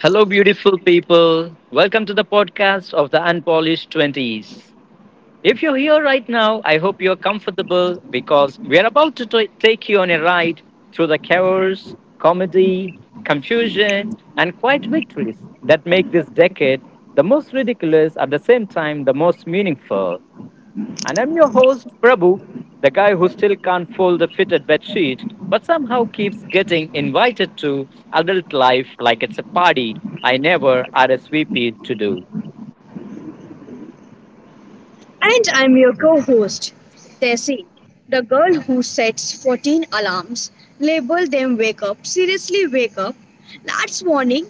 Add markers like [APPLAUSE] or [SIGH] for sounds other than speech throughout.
Hello, beautiful people. Welcome to the podcast of the Unpolished 20s. If you're here right now, I hope you're comfortable because we're about to take you on a ride through the chaos, comedy, confusion, and quiet victories that make this decade the most ridiculous at the same time the most meaningful. And I'm your host, Prabhu, the guy who still can't fold a fitted bedsheet, but somehow keeps getting invited to adult life like it's a party I never RSVP'd to do. And I'm your co host, Tessie, the girl who sets 14 alarms, label them wake up, seriously wake up, that's warning,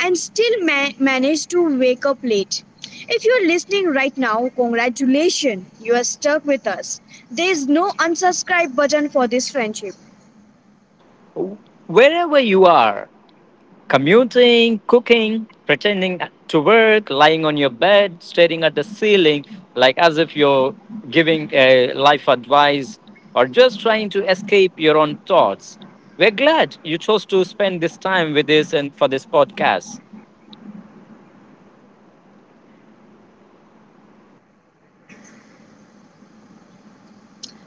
and still manage to wake up late. If you're listening right now, congratulations, you are stuck with us. There's no unsubscribe button for this friendship. Wherever you are, commuting, cooking, pretending to work, lying on your bed, staring at the ceiling like as if you're giving life advice, or just trying to escape your own thoughts. We're glad you chose to spend this time with us and for this podcast.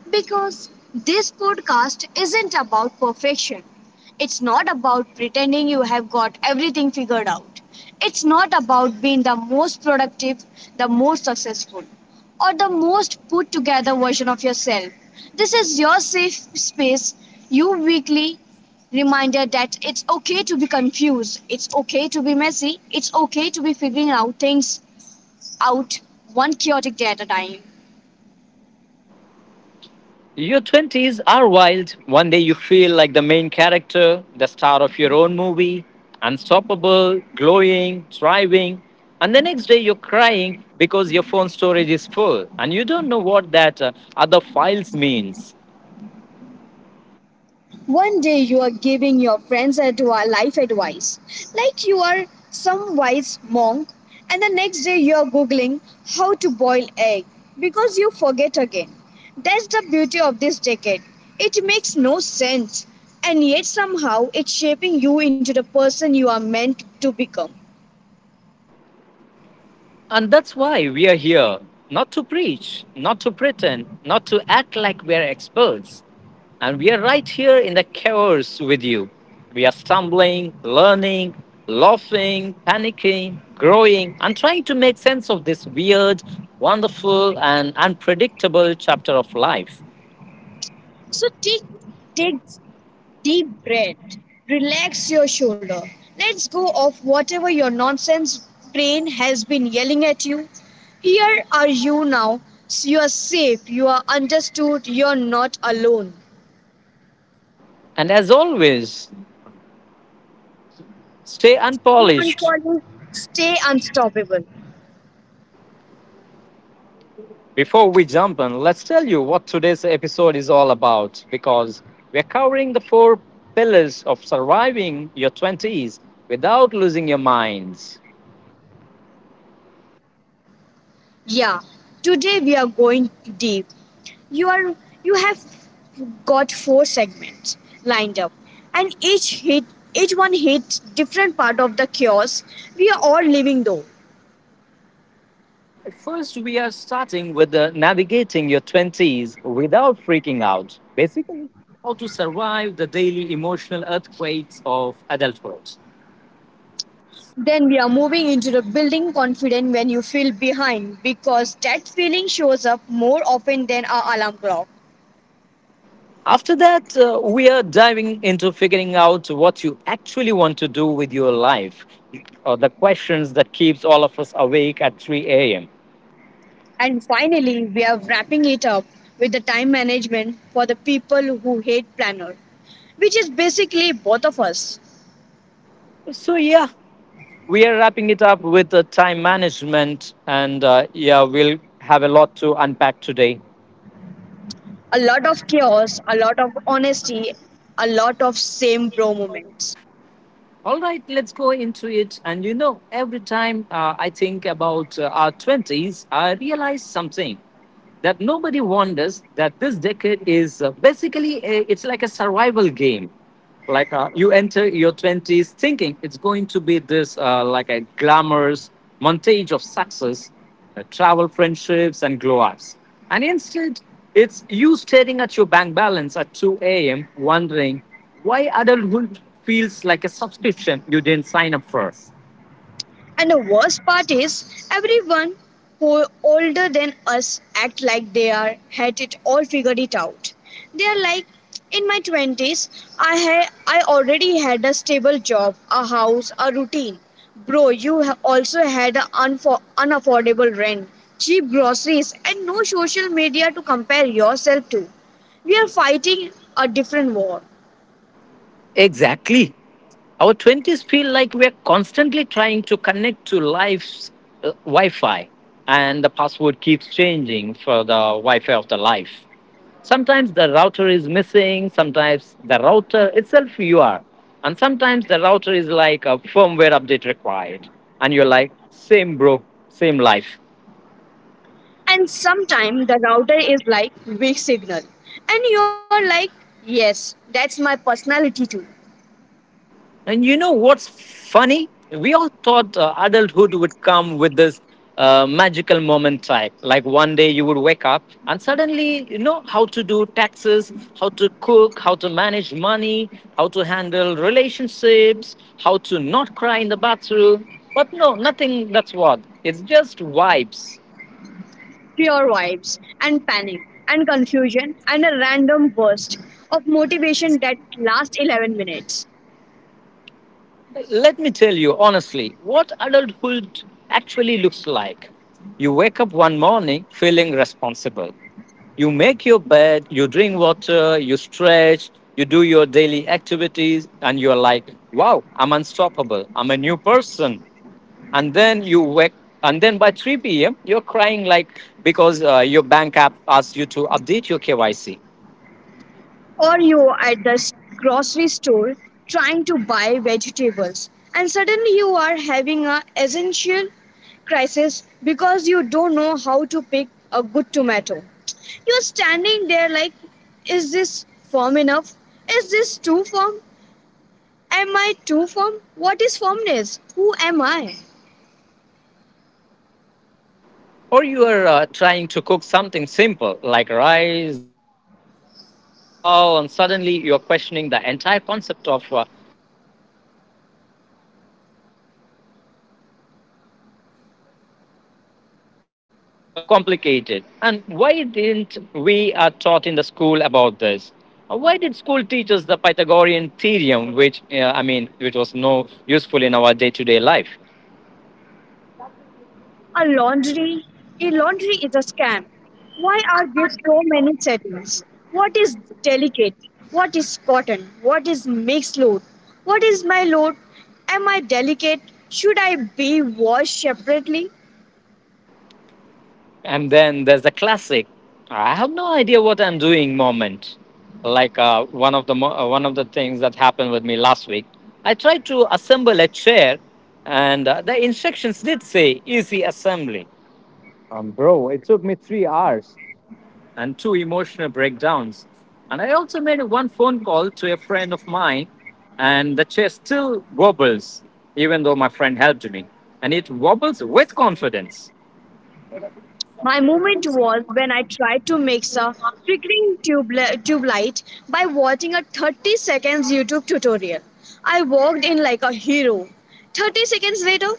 Because this podcast isn't about perfection. It's not about pretending you have got everything figured out. It's not about being the most productive, the most successful, or the most put together version of yourself. This is your safe space, your weekly reminder that it's okay to be confused, it's okay to be messy, it's okay to be figuring out things out one chaotic day at a time. Your 20s are wild. One day you feel like the main character, the star of your own movie, unstoppable, glowing, thriving. And the next day you're crying because your phone storage is full and you don't know what that other files means. One day you are giving your friends life advice, like you are some wise monk, and the next day you are googling how to boil egg because you forget again. That's the beauty of this decade. It makes no sense, and yet somehow it's shaping you into the person you are meant to become. And that's why we are here. Not to preach, not to pretend, not to act like we're experts, and we are right here in the chaos with you. We are stumbling, learning, laughing, panicking, growing, and trying to make sense of this weird, wonderful, and unpredictable chapter of life. So take deep breath. Relax your shoulder. Let's go of whatever your nonsense brain has been yelling at you. Here are you now. You are safe. You are understood. You are not alone. And as always, stay Stay unpolished. unfollow. Stay unstoppable. Before we jump in, let's tell you what today's episode is all about because we're covering the four pillars of surviving your 20s without losing your minds. Yeah. Today we are going deep. You are you have got four segments lined up, and each one hits different part of the chaos we are all living though. First, we are starting with navigating your 20s without freaking out. Basically, how to survive the daily emotional earthquakes of adulthood. Then we are moving into the building confident when you feel behind, because that feeling shows up more often than our alarm clock. After that, we are diving into figuring out what you actually want to do with your life, or the questions that keeps all of us awake at 3 a.m. And finally, we are wrapping it up with the time management for the people who hate planner, which is basically both of us. So yeah, we are wrapping it up with time management, and yeah, we'll have a lot to unpack today. A lot of chaos, a lot of honesty, a lot of same bro moments. All right, let's go into it. And you know, every time I think about our 20s, I realize something that nobody wonders that this decade is basically a, it's like a survival game like you enter your 20s thinking it's going to be this like a glamorous montage of success, travel friendships and glow ups, and instead it's you staring at your bank balance at 2 a.m wondering why adulthood feels like a subscription you didn't sign up for. And the worst part is, everyone who older than us act like they are had it all figured it out. They are like, in my twenties, I already had a stable job, a house, a routine. Bro, you also had an unaffordable rent, cheap groceries, and no social media to compare yourself to. We are fighting a different war. Exactly. Our 20s feel like we're constantly trying to connect to life's Wi Fi, and the password keeps changing for the Wi Fi of the life. Sometimes the router is missing, sometimes the router itself you are, and sometimes the router is like a firmware update required, and you're like, same bro, same life. And sometimes the router is like weak signal, and you're like, yes, that's my personality too. And you know what's funny? We all thought adulthood would come with this magical moment type. Like one day you would wake up and suddenly you know how to do taxes, how to cook, how to manage money, how to handle relationships, how to not cry in the bathroom. But no, nothing that's what. It's just vibes. Pure vibes and panic and confusion and a random burst of motivation that lasts 11 minutes. Let me tell you honestly what adulthood actually looks like. You wake up one morning feeling responsible. You make your bed, you drink water, you stretch, you do your daily activities, and you're like, wow, I'm unstoppable. I'm a new person. And then by 3 p.m., you're crying like because your bank app asks you to update your KYC. Or you are at the grocery store trying to buy vegetables, and suddenly you are having a essential crisis because you don't know how to pick a good tomato. You're standing there like, is this firm enough, is this too firm, am I too firm, what is firmness, who am I? Or you are trying to cook something simple like rice, dal, and suddenly you're questioning the entire concept of the water ratios, like how much you have to add two cups of water, or a one cup, or is it just a half cup? Why is this so complicated? And why didn't we are taught in the school about this? Why did school teach us the Pythagorean theorem, which which was no useful in our day-to-day life? A laundry? A laundry is a scam. Why are there so many settings? What is delicate? What is cotton? What is mixed load? What is my load? Am I delicate? Should I be washed separately? And then there's the classic, I have no idea what I'm doing moment. Like one of the things that happened with me last week. I tried to assemble a chair, and the instructions did say easy assembly. Bro, it took me 3 hours and 2 emotional breakdowns. And I also made one phone call to a friend of mine, and the chair still wobbles, even though my friend helped me. And it wobbles with confidence. My moment was when I tried to mix a flickering tube light by watching a 30 seconds YouTube tutorial. I walked in like a hero. 30 seconds later,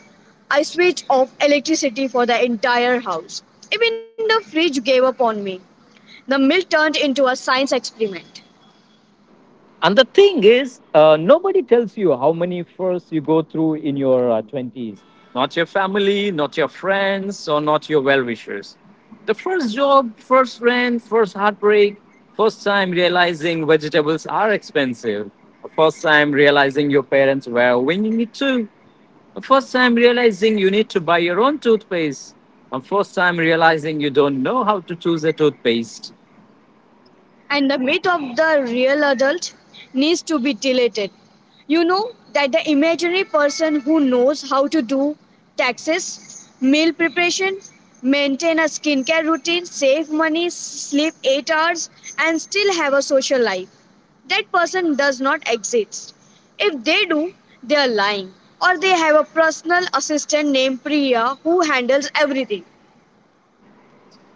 I switched off electricity for the entire house. Even the fridge gave up on me. The milk turned into a science experiment. And the thing is, nobody tells you how many firsts you go through in your 20s. Not your family, not your friends, or not your well wishers. The first job, first rent, first heartbreak, first time realizing vegetables are expensive, first time realizing your parents were winging it too, first time realizing you need to buy your own toothpaste, and first time realizing you don't know how to choose a toothpaste. And the myth of the real adult needs to be deleted. You know that the imaginary person who knows how to do taxes, meal preparation, maintain a skincare routine, save money, sleep 8 hours, and still have a social life. That person does not exist. If they do, they are lying. Or they have a personal assistant named Priya who handles everything.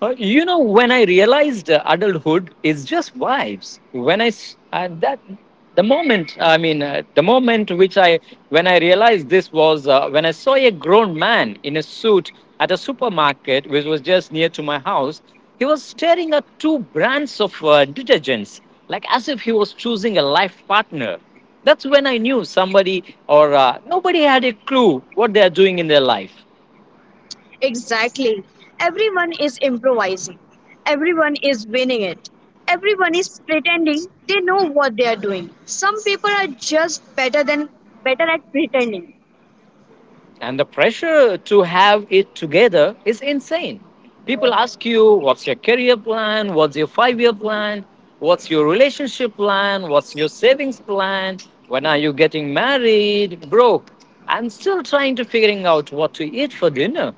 You know, when I realized adulthood is just vibes. When I s- that the moment, I mean, The moment which I when I realized this was when I saw a grown man in a suit at a supermarket which was just near to my house. He was staring at two brands of detergents, like as if he was choosing a life partner. That's when I knew somebody or nobody had a clue what they are doing in their life. Exactly. Everyone is improvising. Everyone is winning it. Everyone is pretending they know what they are doing. Some people are just better at pretending. And the pressure to have it together is insane. People ask you, what's your career plan? What's your 5 year plan? What's your relationship plan? What's your savings plan? When are you getting married? Bro, I'm still trying to figuring out what to eat for dinner.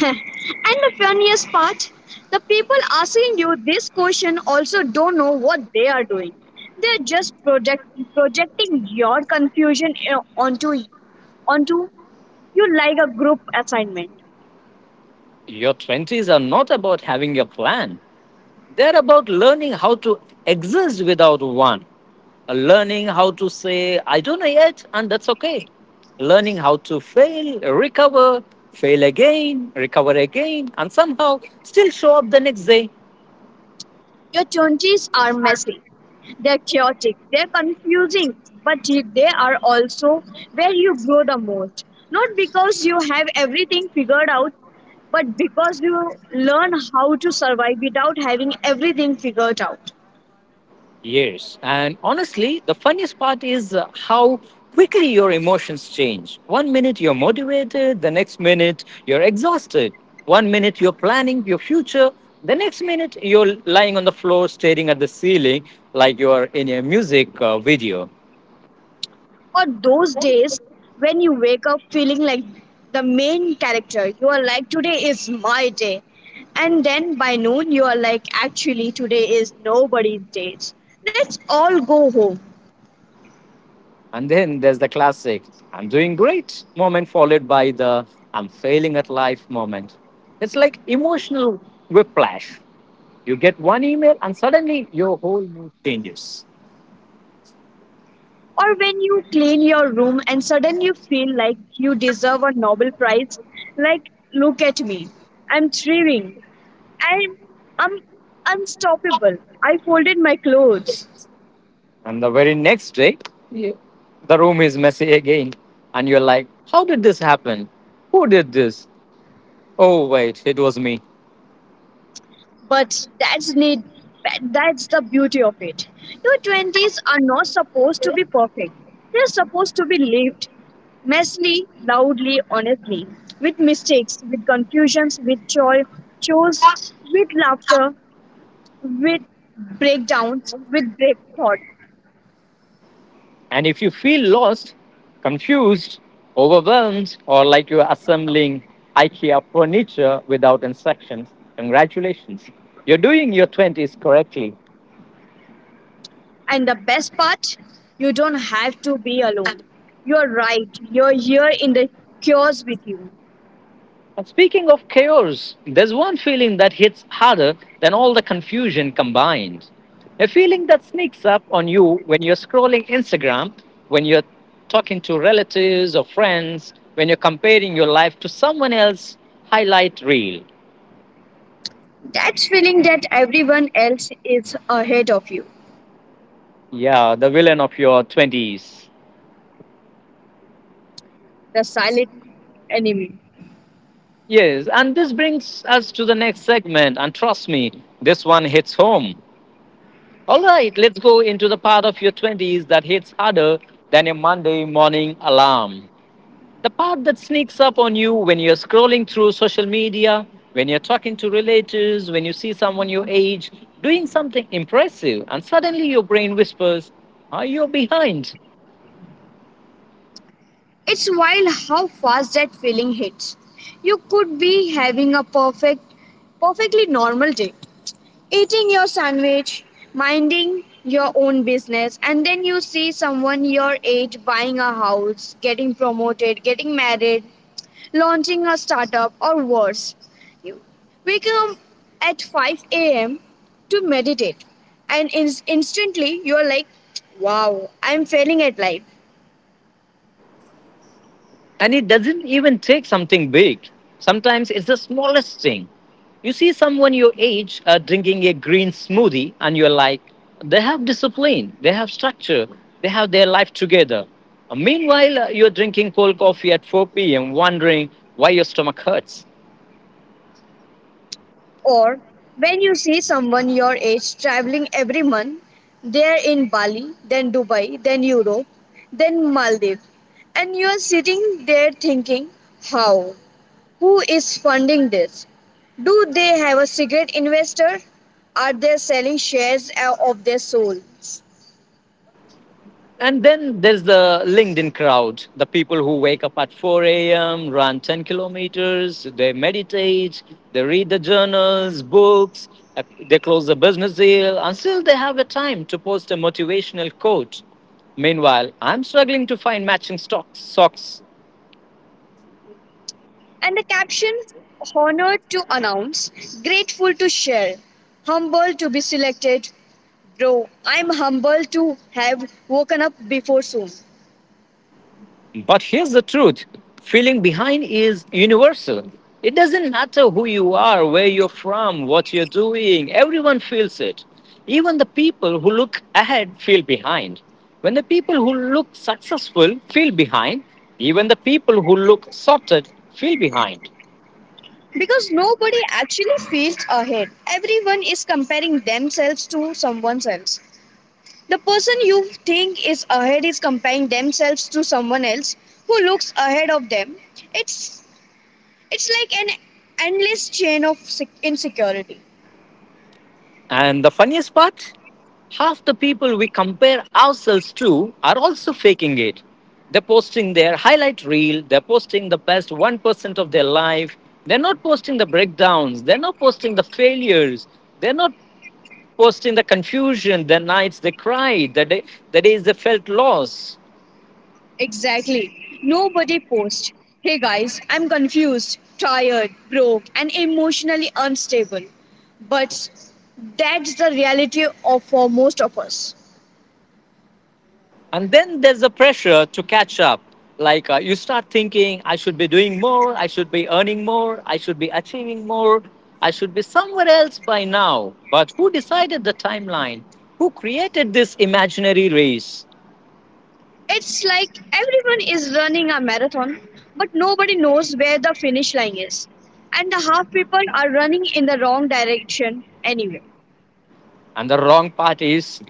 [LAUGHS] And the funniest part, the people asking you this question also don't know what they are doing. They are just projecting your confusion onto you like a group assignment. Your 20s are not about having a plan. They're about learning how to exist without one. Learning how to say I don't know yet, and that's okay. Learning how to fail, recover, fail again, recover again, and somehow still show up the next day. Your 20s are messy, they're chaotic, they're confusing, but they are also where you grow the most. Not because you have everything figured out, but because you learn how to survive without having everything figured out. Yes, and honestly the funniest part is how quickly your emotions change. One minute you're motivated, the next minute you're exhausted. One minute you're planning your future, the next minute you're lying on the floor staring at the ceiling like you are in a music video. Or those days when you wake up feeling like the main character, you are like, today is my day. And then by noon, you are like, actually, today is nobody's day. Let's all go home. And then there's the classic I'm doing great moment, followed by the I'm failing at life moment. It's like emotional whiplash. You get one email, and suddenly your whole mood changes. Or when you clean your room and suddenly you feel like you deserve a Nobel Prize, like look at me, I'm thriving, I'm I'm unstoppable. I folded my clothes, And the very next day, the room is messy again. And you're like, how did this happen? Who did this? Oh, wait, it was me. but that's the beauty of it. Your twenties are not supposed to be perfect; they're supposed to be lived messily, loudly, honestly, with mistakes, with confusions, with joy, chores, with laughter, with breakdowns, with break thoughts. And if you feel lost, confused, overwhelmed, or like you're assembling IKEA furniture without instructions, congratulations. You're doing your 20s correctly. And the best part, you don't have to be alone. You're right, you're here in the chaos with you. And speaking of chaos, there's one feeling that hits harder than all the confusion combined. A feeling that sneaks up on you when you're scrolling Instagram, when you're talking to relatives or friends, when you're comparing your life to someone else's highlight reel. That feeling that everyone else is ahead of you, Yeah, the villain of your 20s. the silent enemy. Yes, and this brings us to the next segment. And trust me, this one hits home. All right, let's go into the part of your 20s that hits harder than your Monday morning alarm. The part that sneaks up on you when you're scrolling through social media, when you're talking to relatives, when you see someone your age doing something impressive, and suddenly your brain whispers, are you behind? It's wild how fast that feeling hits. You could be having a perfectly normal day, eating your sandwich, minding your own business, and then you see someone your age buying a house, getting promoted, getting married, launching a startup, or worse. You waking up at 5 a.m. to meditate, and instantly you are like, wow, I'm failing at life. And it doesn't even take something big. Sometimes it's the smallest thing. You see someone your age drinking a green smoothie, and you're like, they have discipline, they have structure, they have their life together. Meanwhile, you're drinking cold coffee at 4 p.m., wondering why your stomach hurts. Or when you see someone your age traveling every month, they're in Bali, then Dubai, then Europe, then Maldives, and you're sitting there thinking, how? Who is funding this? Do they have a secret investor? Are they selling shares of their souls? And then there's the LinkedIn crowd, the people who wake up at 4 a.m., run 10 kilometers, they meditate, they read the journals, books, uh, they close a business deal, until they have the time to post a motivational quote. Meanwhile, I'm struggling to find matching stocks, socks. And the caption, honored to announce, grateful to share, humble to be selected. Bro, I'm humble to have woken up before soon. But here's the truth: feeling behind is universal. It doesn't matter who you are, where you're from, what you're doing, everyone feels it. Even the people who look ahead feel behind. When the people who look successful feel behind, even the people who look sorted feel behind. Because nobody actually feels ahead. Everyone is comparing themselves to someone else. The person you think is ahead is comparing themselves to someone else who looks ahead of them. It's like an endless chain of insecurity. And the funniest part, half the people we compare ourselves to are also faking it. They're posting their highlight reel, they're posting the best 1% of their life, they're not posting the breakdowns, they're not posting the failures, they're not posting the confusion, their nights they cried, the days they felt lost. Exactly. Nobody posts, "Hey guys, I'm confused, tired, broke, and emotionally unstable." But that's the reality of for most of us. And then there's the pressure to catch up. You start thinking, I should be doing more, I should be earning more, I should be achieving more, I should be somewhere else by now. But who decided the timeline? Who created this imaginary race? It's like everyone is running a marathon, but nobody knows where the finish line is. And the half people are running in the wrong direction anyway. And the wrong parties,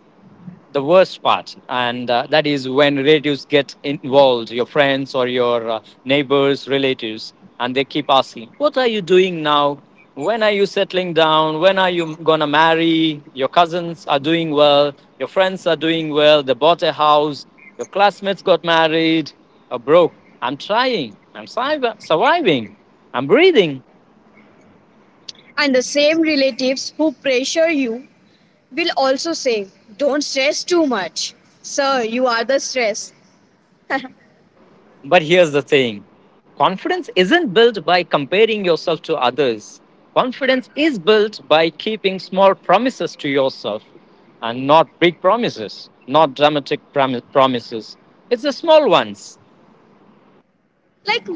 the worst part, and that is when relatives get involved, your friends or your neighbors, relatives, and they keep asking, what are you doing now? When are you settling down? When are you gonna marry? Your cousins are doing well, your friends are doing well, they bought a house, your classmates got married. Bro, I'm trying, surviving, I'm breathing. And the same relatives who pressure you will also say, don't stress too much. Sir, you are the stress. [LAUGHS] But here's the thing, confidence isn't built by comparing yourself to others. Confidence is built by keeping small promises to yourself, and not big promises, not promises. It's the small ones. Like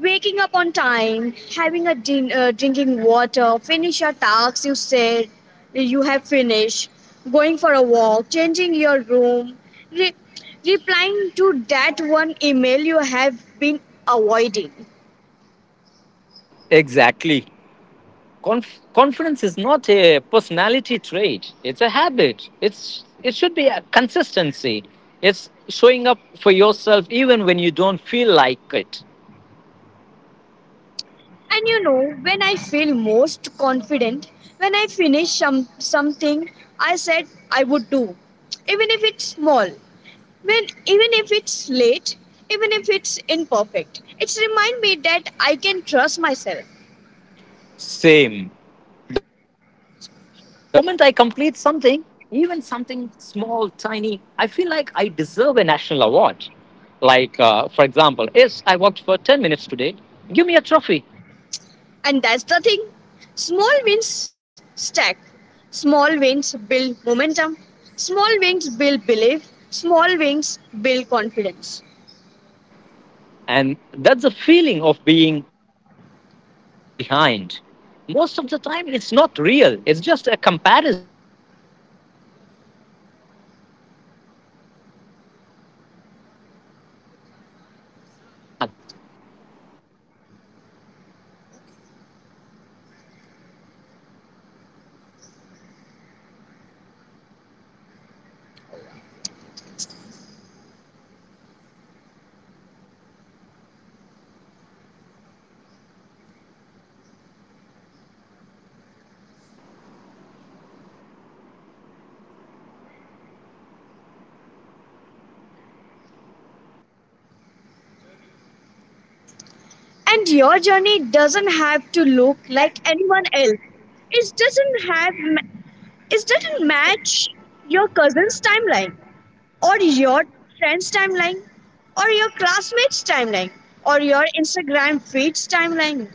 waking up on time, having a drinking water, finish your tasks you said you have finished, going for a walk, changing your room, re- replying to that one email you have been avoiding. Exactly. Confidence is not a personality trait, it's a habit. It should be a consistency. It's showing up for yourself even when you don't feel like it. And you know, when I feel most confident, when I finish something I said I would do, even if it's small. When even if it's late, even if it's imperfect, it reminds me that I can trust myself. Same. The moment I complete something, even something small, tiny, I feel like I deserve a national award. Like, for example, yes, I walked for 10 minutes today, give me a trophy. And that's the thing, small wins stack, small wins build momentum, small wins build belief, small wins build confidence. And that's the feeling of being behind. Most of the time, it's not real, it's just a comparison, it's just a pressure, it's just a noise. Because the truth is, you're not behind, you're on your path, your timeline, your journey. And your journey doesn't have to look like anyone else, it doesn't have it doesn't match your cousin's timeline, or your friend's timeline, or your classmates' timeline, or your Instagram feed's timeline.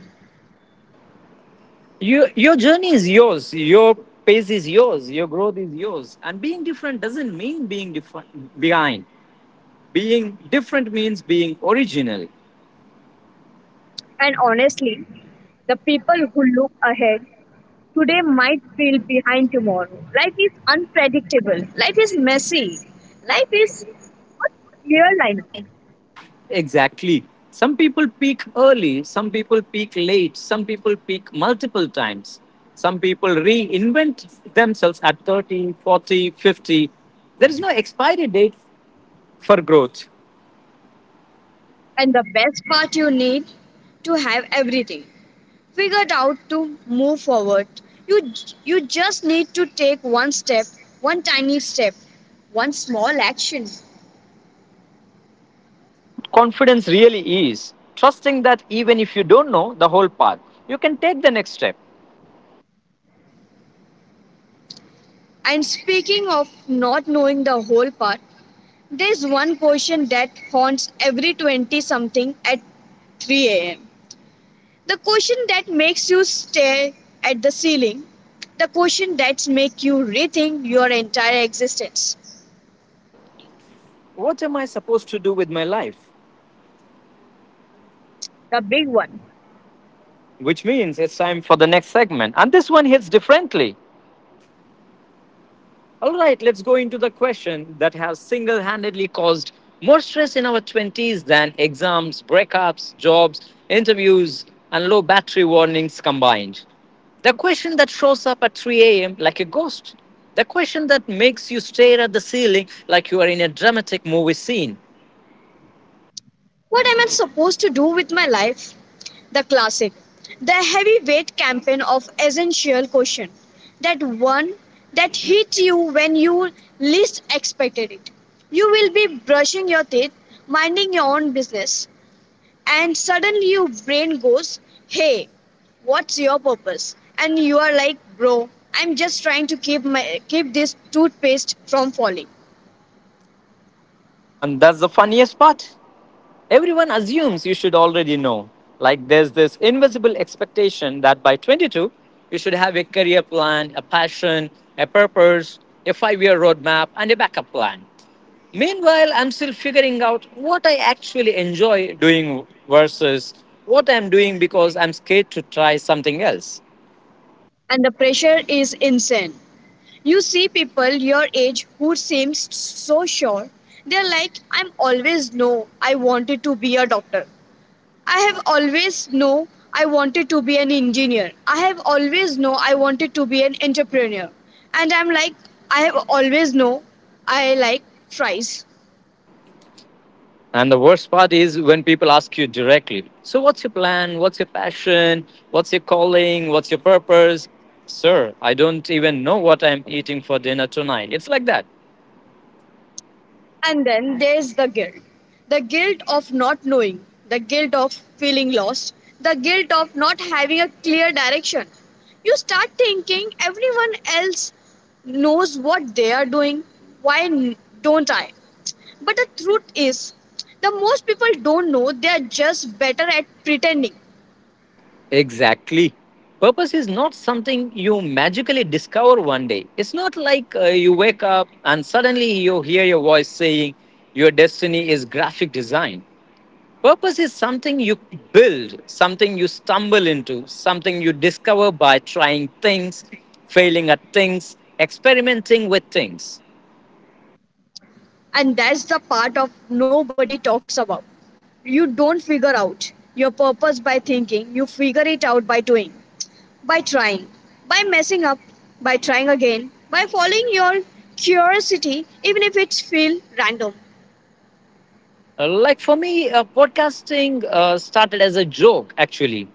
You, your journey is yours. Your pace is yours. Your growth is yours. And being different doesn't mean being different behind. Being different means being original. And honestly, the people who look ahead today might feel behind tomorrow. Life is unpredictable. Life is messy. Life is not clear lineup. Exactly. Some people peak early. Some people peak late. Some people peak multiple times. Some people reinvent themselves at 30, 40, 50. There is no expiry date for growth. And the best part, you need to have everything figured out to move forward. You you just need to take one step, one tiny step, one small action. And that's what confidence really is, trusting that even if you don't know the whole path, you can take the next step. And speaking of not knowing the whole part, there's one question that haunts every 20 something at 3 am. The question that makes you stare at the ceiling. The question that makes you rethink your entire existence. What am I supposed to do with my life? The big one. Which means it's time for the next segment. And this one hits differently. All right, let's go into the question that has single handedly caused more stress in our 20s than exams, breakups, jobs, interviews, and low battery warnings combined. The question that shows up at 3 a.m. like a ghost. The question that makes you stare at the ceiling like you are in a dramatic movie scene. What am I supposed to do with my life? The classic, the heavyweight campaign of essential question. That one that hits you when you least expected it. You will be brushing your teeth, minding your own business, and suddenly your brain goes, hey, what's your purpose? And you are like, bro, I'm just trying to keep this toothpaste from falling. And that's the funniest part. Everyone assumes you should already know. Like there's this invisible expectation that by 22, you should have a career plan, a passion, a purpose, a 5 year roadmap, and a backup plan. Meanwhile, I'm still figuring out what I actually enjoy doing versus what I'm doing because I'm scared to try something else. And the pressure is insane. You see people your age who seems so sure. They're like, I'm always know I wanted to be a doctor. I have always know I wanted to be an engineer. I have always know I wanted to be an entrepreneur. And I'm like, I have always know I like fries. And the worst part is when people ask you directly, so what's your plan? What's your passion? What's your calling? What's your purpose? Sir, I don't even know what I'm eating for dinner tonight. It's like that. And then there's the guilt of not knowing, the guilt of feeling lost, the guilt of not having a clear direction. You start thinking everyone else knows what they are doing. Why don't I? But the truth is, the most people don't know, they are just better at pretending. Exactly. Purpose is not something you magically discover one day. It's not you wake up and suddenly you hear your voice saying your destiny is graphic design. Purpose is something you build, something you stumble into, something you discover by trying things, failing at things, experimenting with things. And that's the part of nobody talks about. You don't figure out your purpose by thinking, you figure it out by doing. By trying, by messing up, by trying again, by following your curiosity, even if it feels random. Like for me, podcasting started as a joke, actually,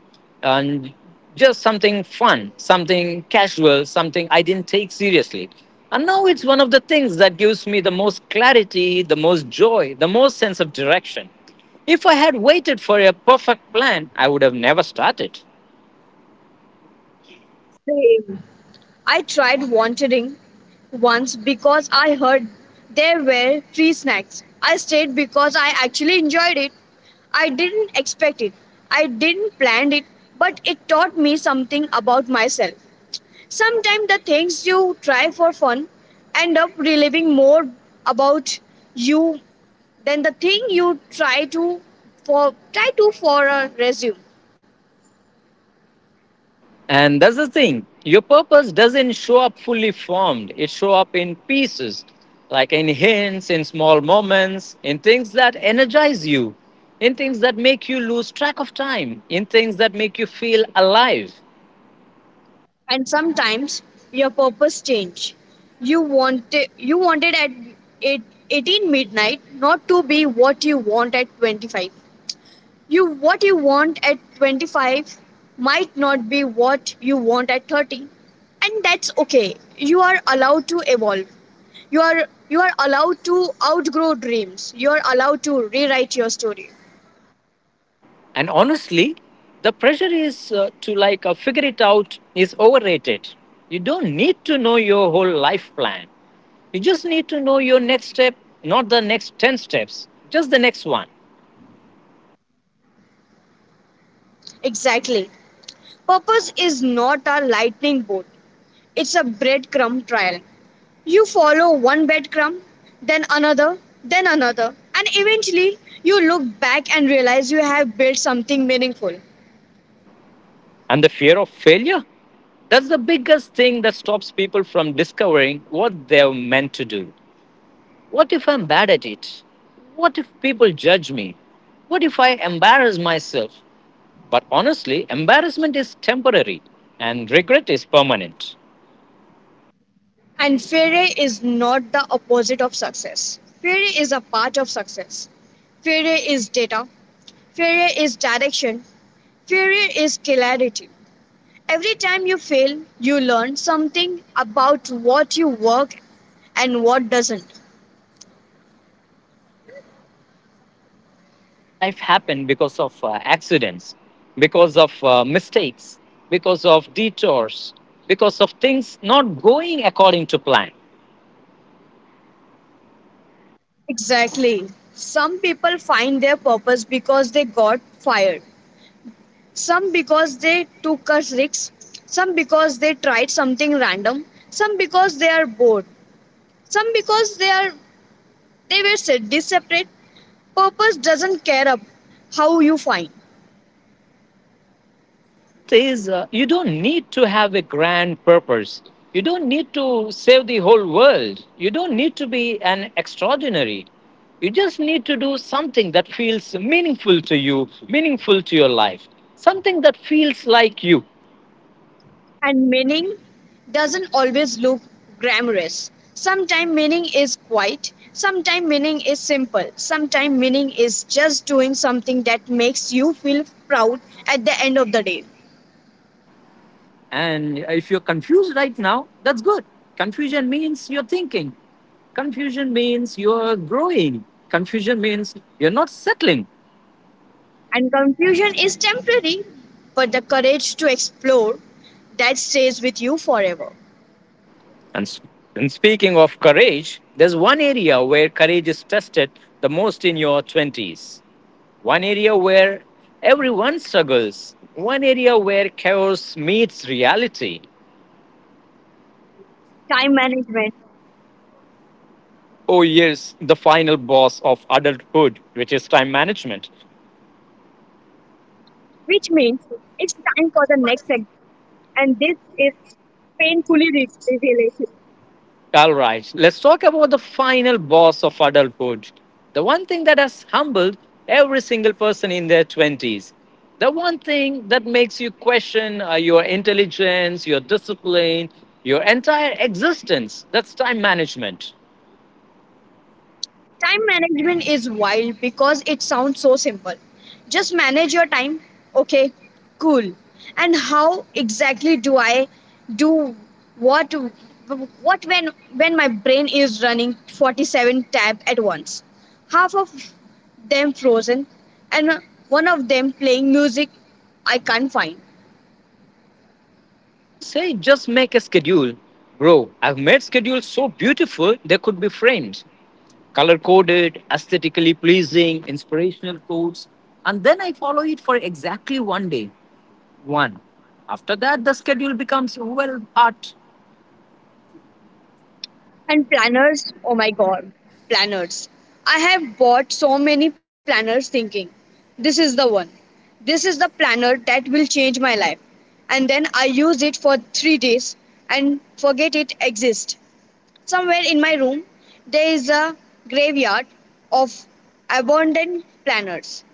and just something fun, something casual, something I didn't take seriously. And now it's one of the things that gives me the most clarity, the most joy, the most sense of direction. If I had waited for a perfect plan, I would have never started. Same. I tried wandering once because I heard there were free snacks. I stayed because I actually enjoyed it. I didn't expect it. I didn't plan it, but it taught me something about myself. Sometimes the things you try for fun end up revealing more about you than the thing you try to for a resume. And that's the thing. Your purpose doesn't show up fully formed. It show up in pieces, like in hints, in small moments, in things that energize you, in things that make you lose track of time, in things that make you feel alive. And sometimes your purpose change. You wanted at eight- 18 midnight not to be what you want at 25. You what you want at 25 might not be what you want at 30, and that's okay. You are allowed to evolve. You are allowed to outgrow dreams. You are allowed to rewrite your story. And honestly, the pressure is to like figure it out is overrated. You don't need to know your whole life plan. You just need to know your next step, not the next 10 steps, just the next one. Exactly. Purpose is not a lightning bolt. It's a breadcrumb trial. You follow one breadcrumb, then another, then another, and eventually you look back and realize you have built something meaningful. And the fear of failure? That's the biggest thing that stops people from discovering what they're meant to do. What if I'm bad at it? What if people judge me? What if I embarrass myself? But honestly, embarrassment is temporary and regret is permanent. And failure is not the opposite of success. Failure is a part of success. Failure is data. Failure is direction. Failure is clarity. Every time you fail, you learn something about what you work and what doesn't. And the funniest part, some of the best things in life happen because of accidents, because of mistakes, because of detours, because of things not going according to plan. Exactly. Some people find their purpose because they got fired, some because they took a risk, some because they tried something random, some because they are bored, some because they were sadly separate. Purpose doesn't care up how you find, And the truth is, you don't need to have a grand purpose. You don't need to save the whole world. You don't need to be an extraordinary. You just need to do something that feels meaningful to you, meaningful to your life, something that feels like you. and meaning doesn't always look glamorous. Sometimes meaning is quiet, sometimes meaning is simple, sometimes meaning is just doing something that makes you feel proud at the end of the day. And if you're confused right now, that's good. Confusion means you're thinking, confusion means you're growing, confusion means you're not settling. And confusion is temporary, but the courage to explore that stays with you forever. And, s- and speaking of courage, there's one area where courage is tested the most in your 20s. One area where everyone struggles. One area where chaos meets reality. Time management, Oh, yes, the final boss of adulthood, which is time management. which means it's time for the next, and this is painfully relatable. All right, let's talk about the final boss of adulthood. The one thing that has humbled every single person in their 20s. The one thing that makes you question your intelligence, your discipline, your entire existence. That's time management. Time management is wild because it sounds so simple. Just manage your time. Okay, cool. And how exactly do I do what, what when when my brain is running 47 tab at once? Half of them frozen, and one of them playing music I can't find. Exactly. People say just make a schedule. Bro, I've made schedules so beautiful they could be framed, color coded, aesthetically pleasing, inspirational quotes, and then I follow it for exactly one day. One. After that, the schedule becomes well art. And planners, oh my god, planners. I have bought so many planners thinking, this is the one. This is the planner that will change my life. And then I use it for 3 days and forget it exists. Somewhere in my room, there is a graveyard of abandoned planners.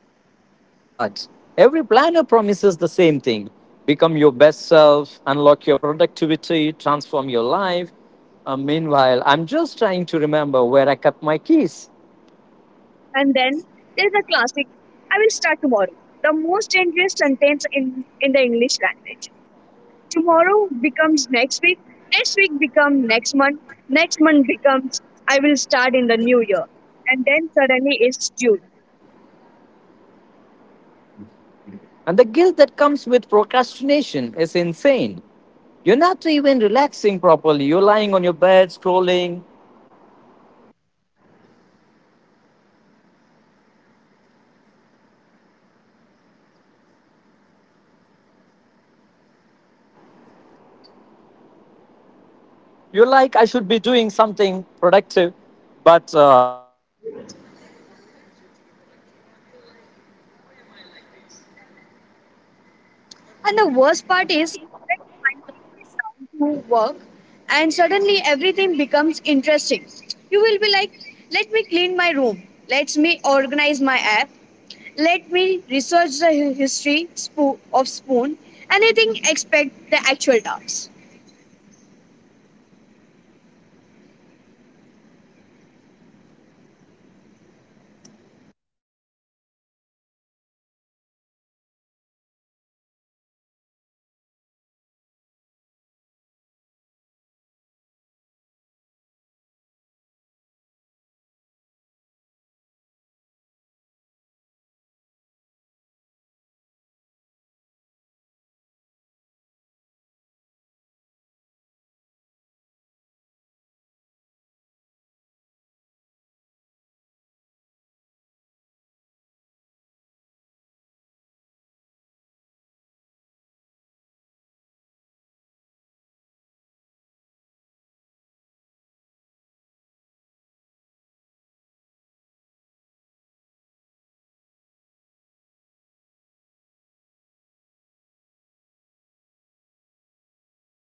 And the funniest part, every planner promises the same thing, become your best self, unlock your productivity, transform your life. Meanwhile, I'm just trying to remember where I kept my keys. And then there is a classic, I will start tomorrow. The most dangerous sentence in the English language. Tomorrow becomes next week. Next week becomes next month. Next month becomes I will start in the new year. And then suddenly it's June. And the guilt that comes with procrastination is insane. You're not even relaxing properly. You're lying on your bed, scrolling. You're like, I should be doing something productive, but you're, also like, I don't have energy to be productive. And you're like, why am I like this? And the worst part is when you finally sit down to work and suddenly everything becomes interesting. You will be like, let me clean my room. Let me organize my app. Let me research the of Spoon. Anything except the actual tasks.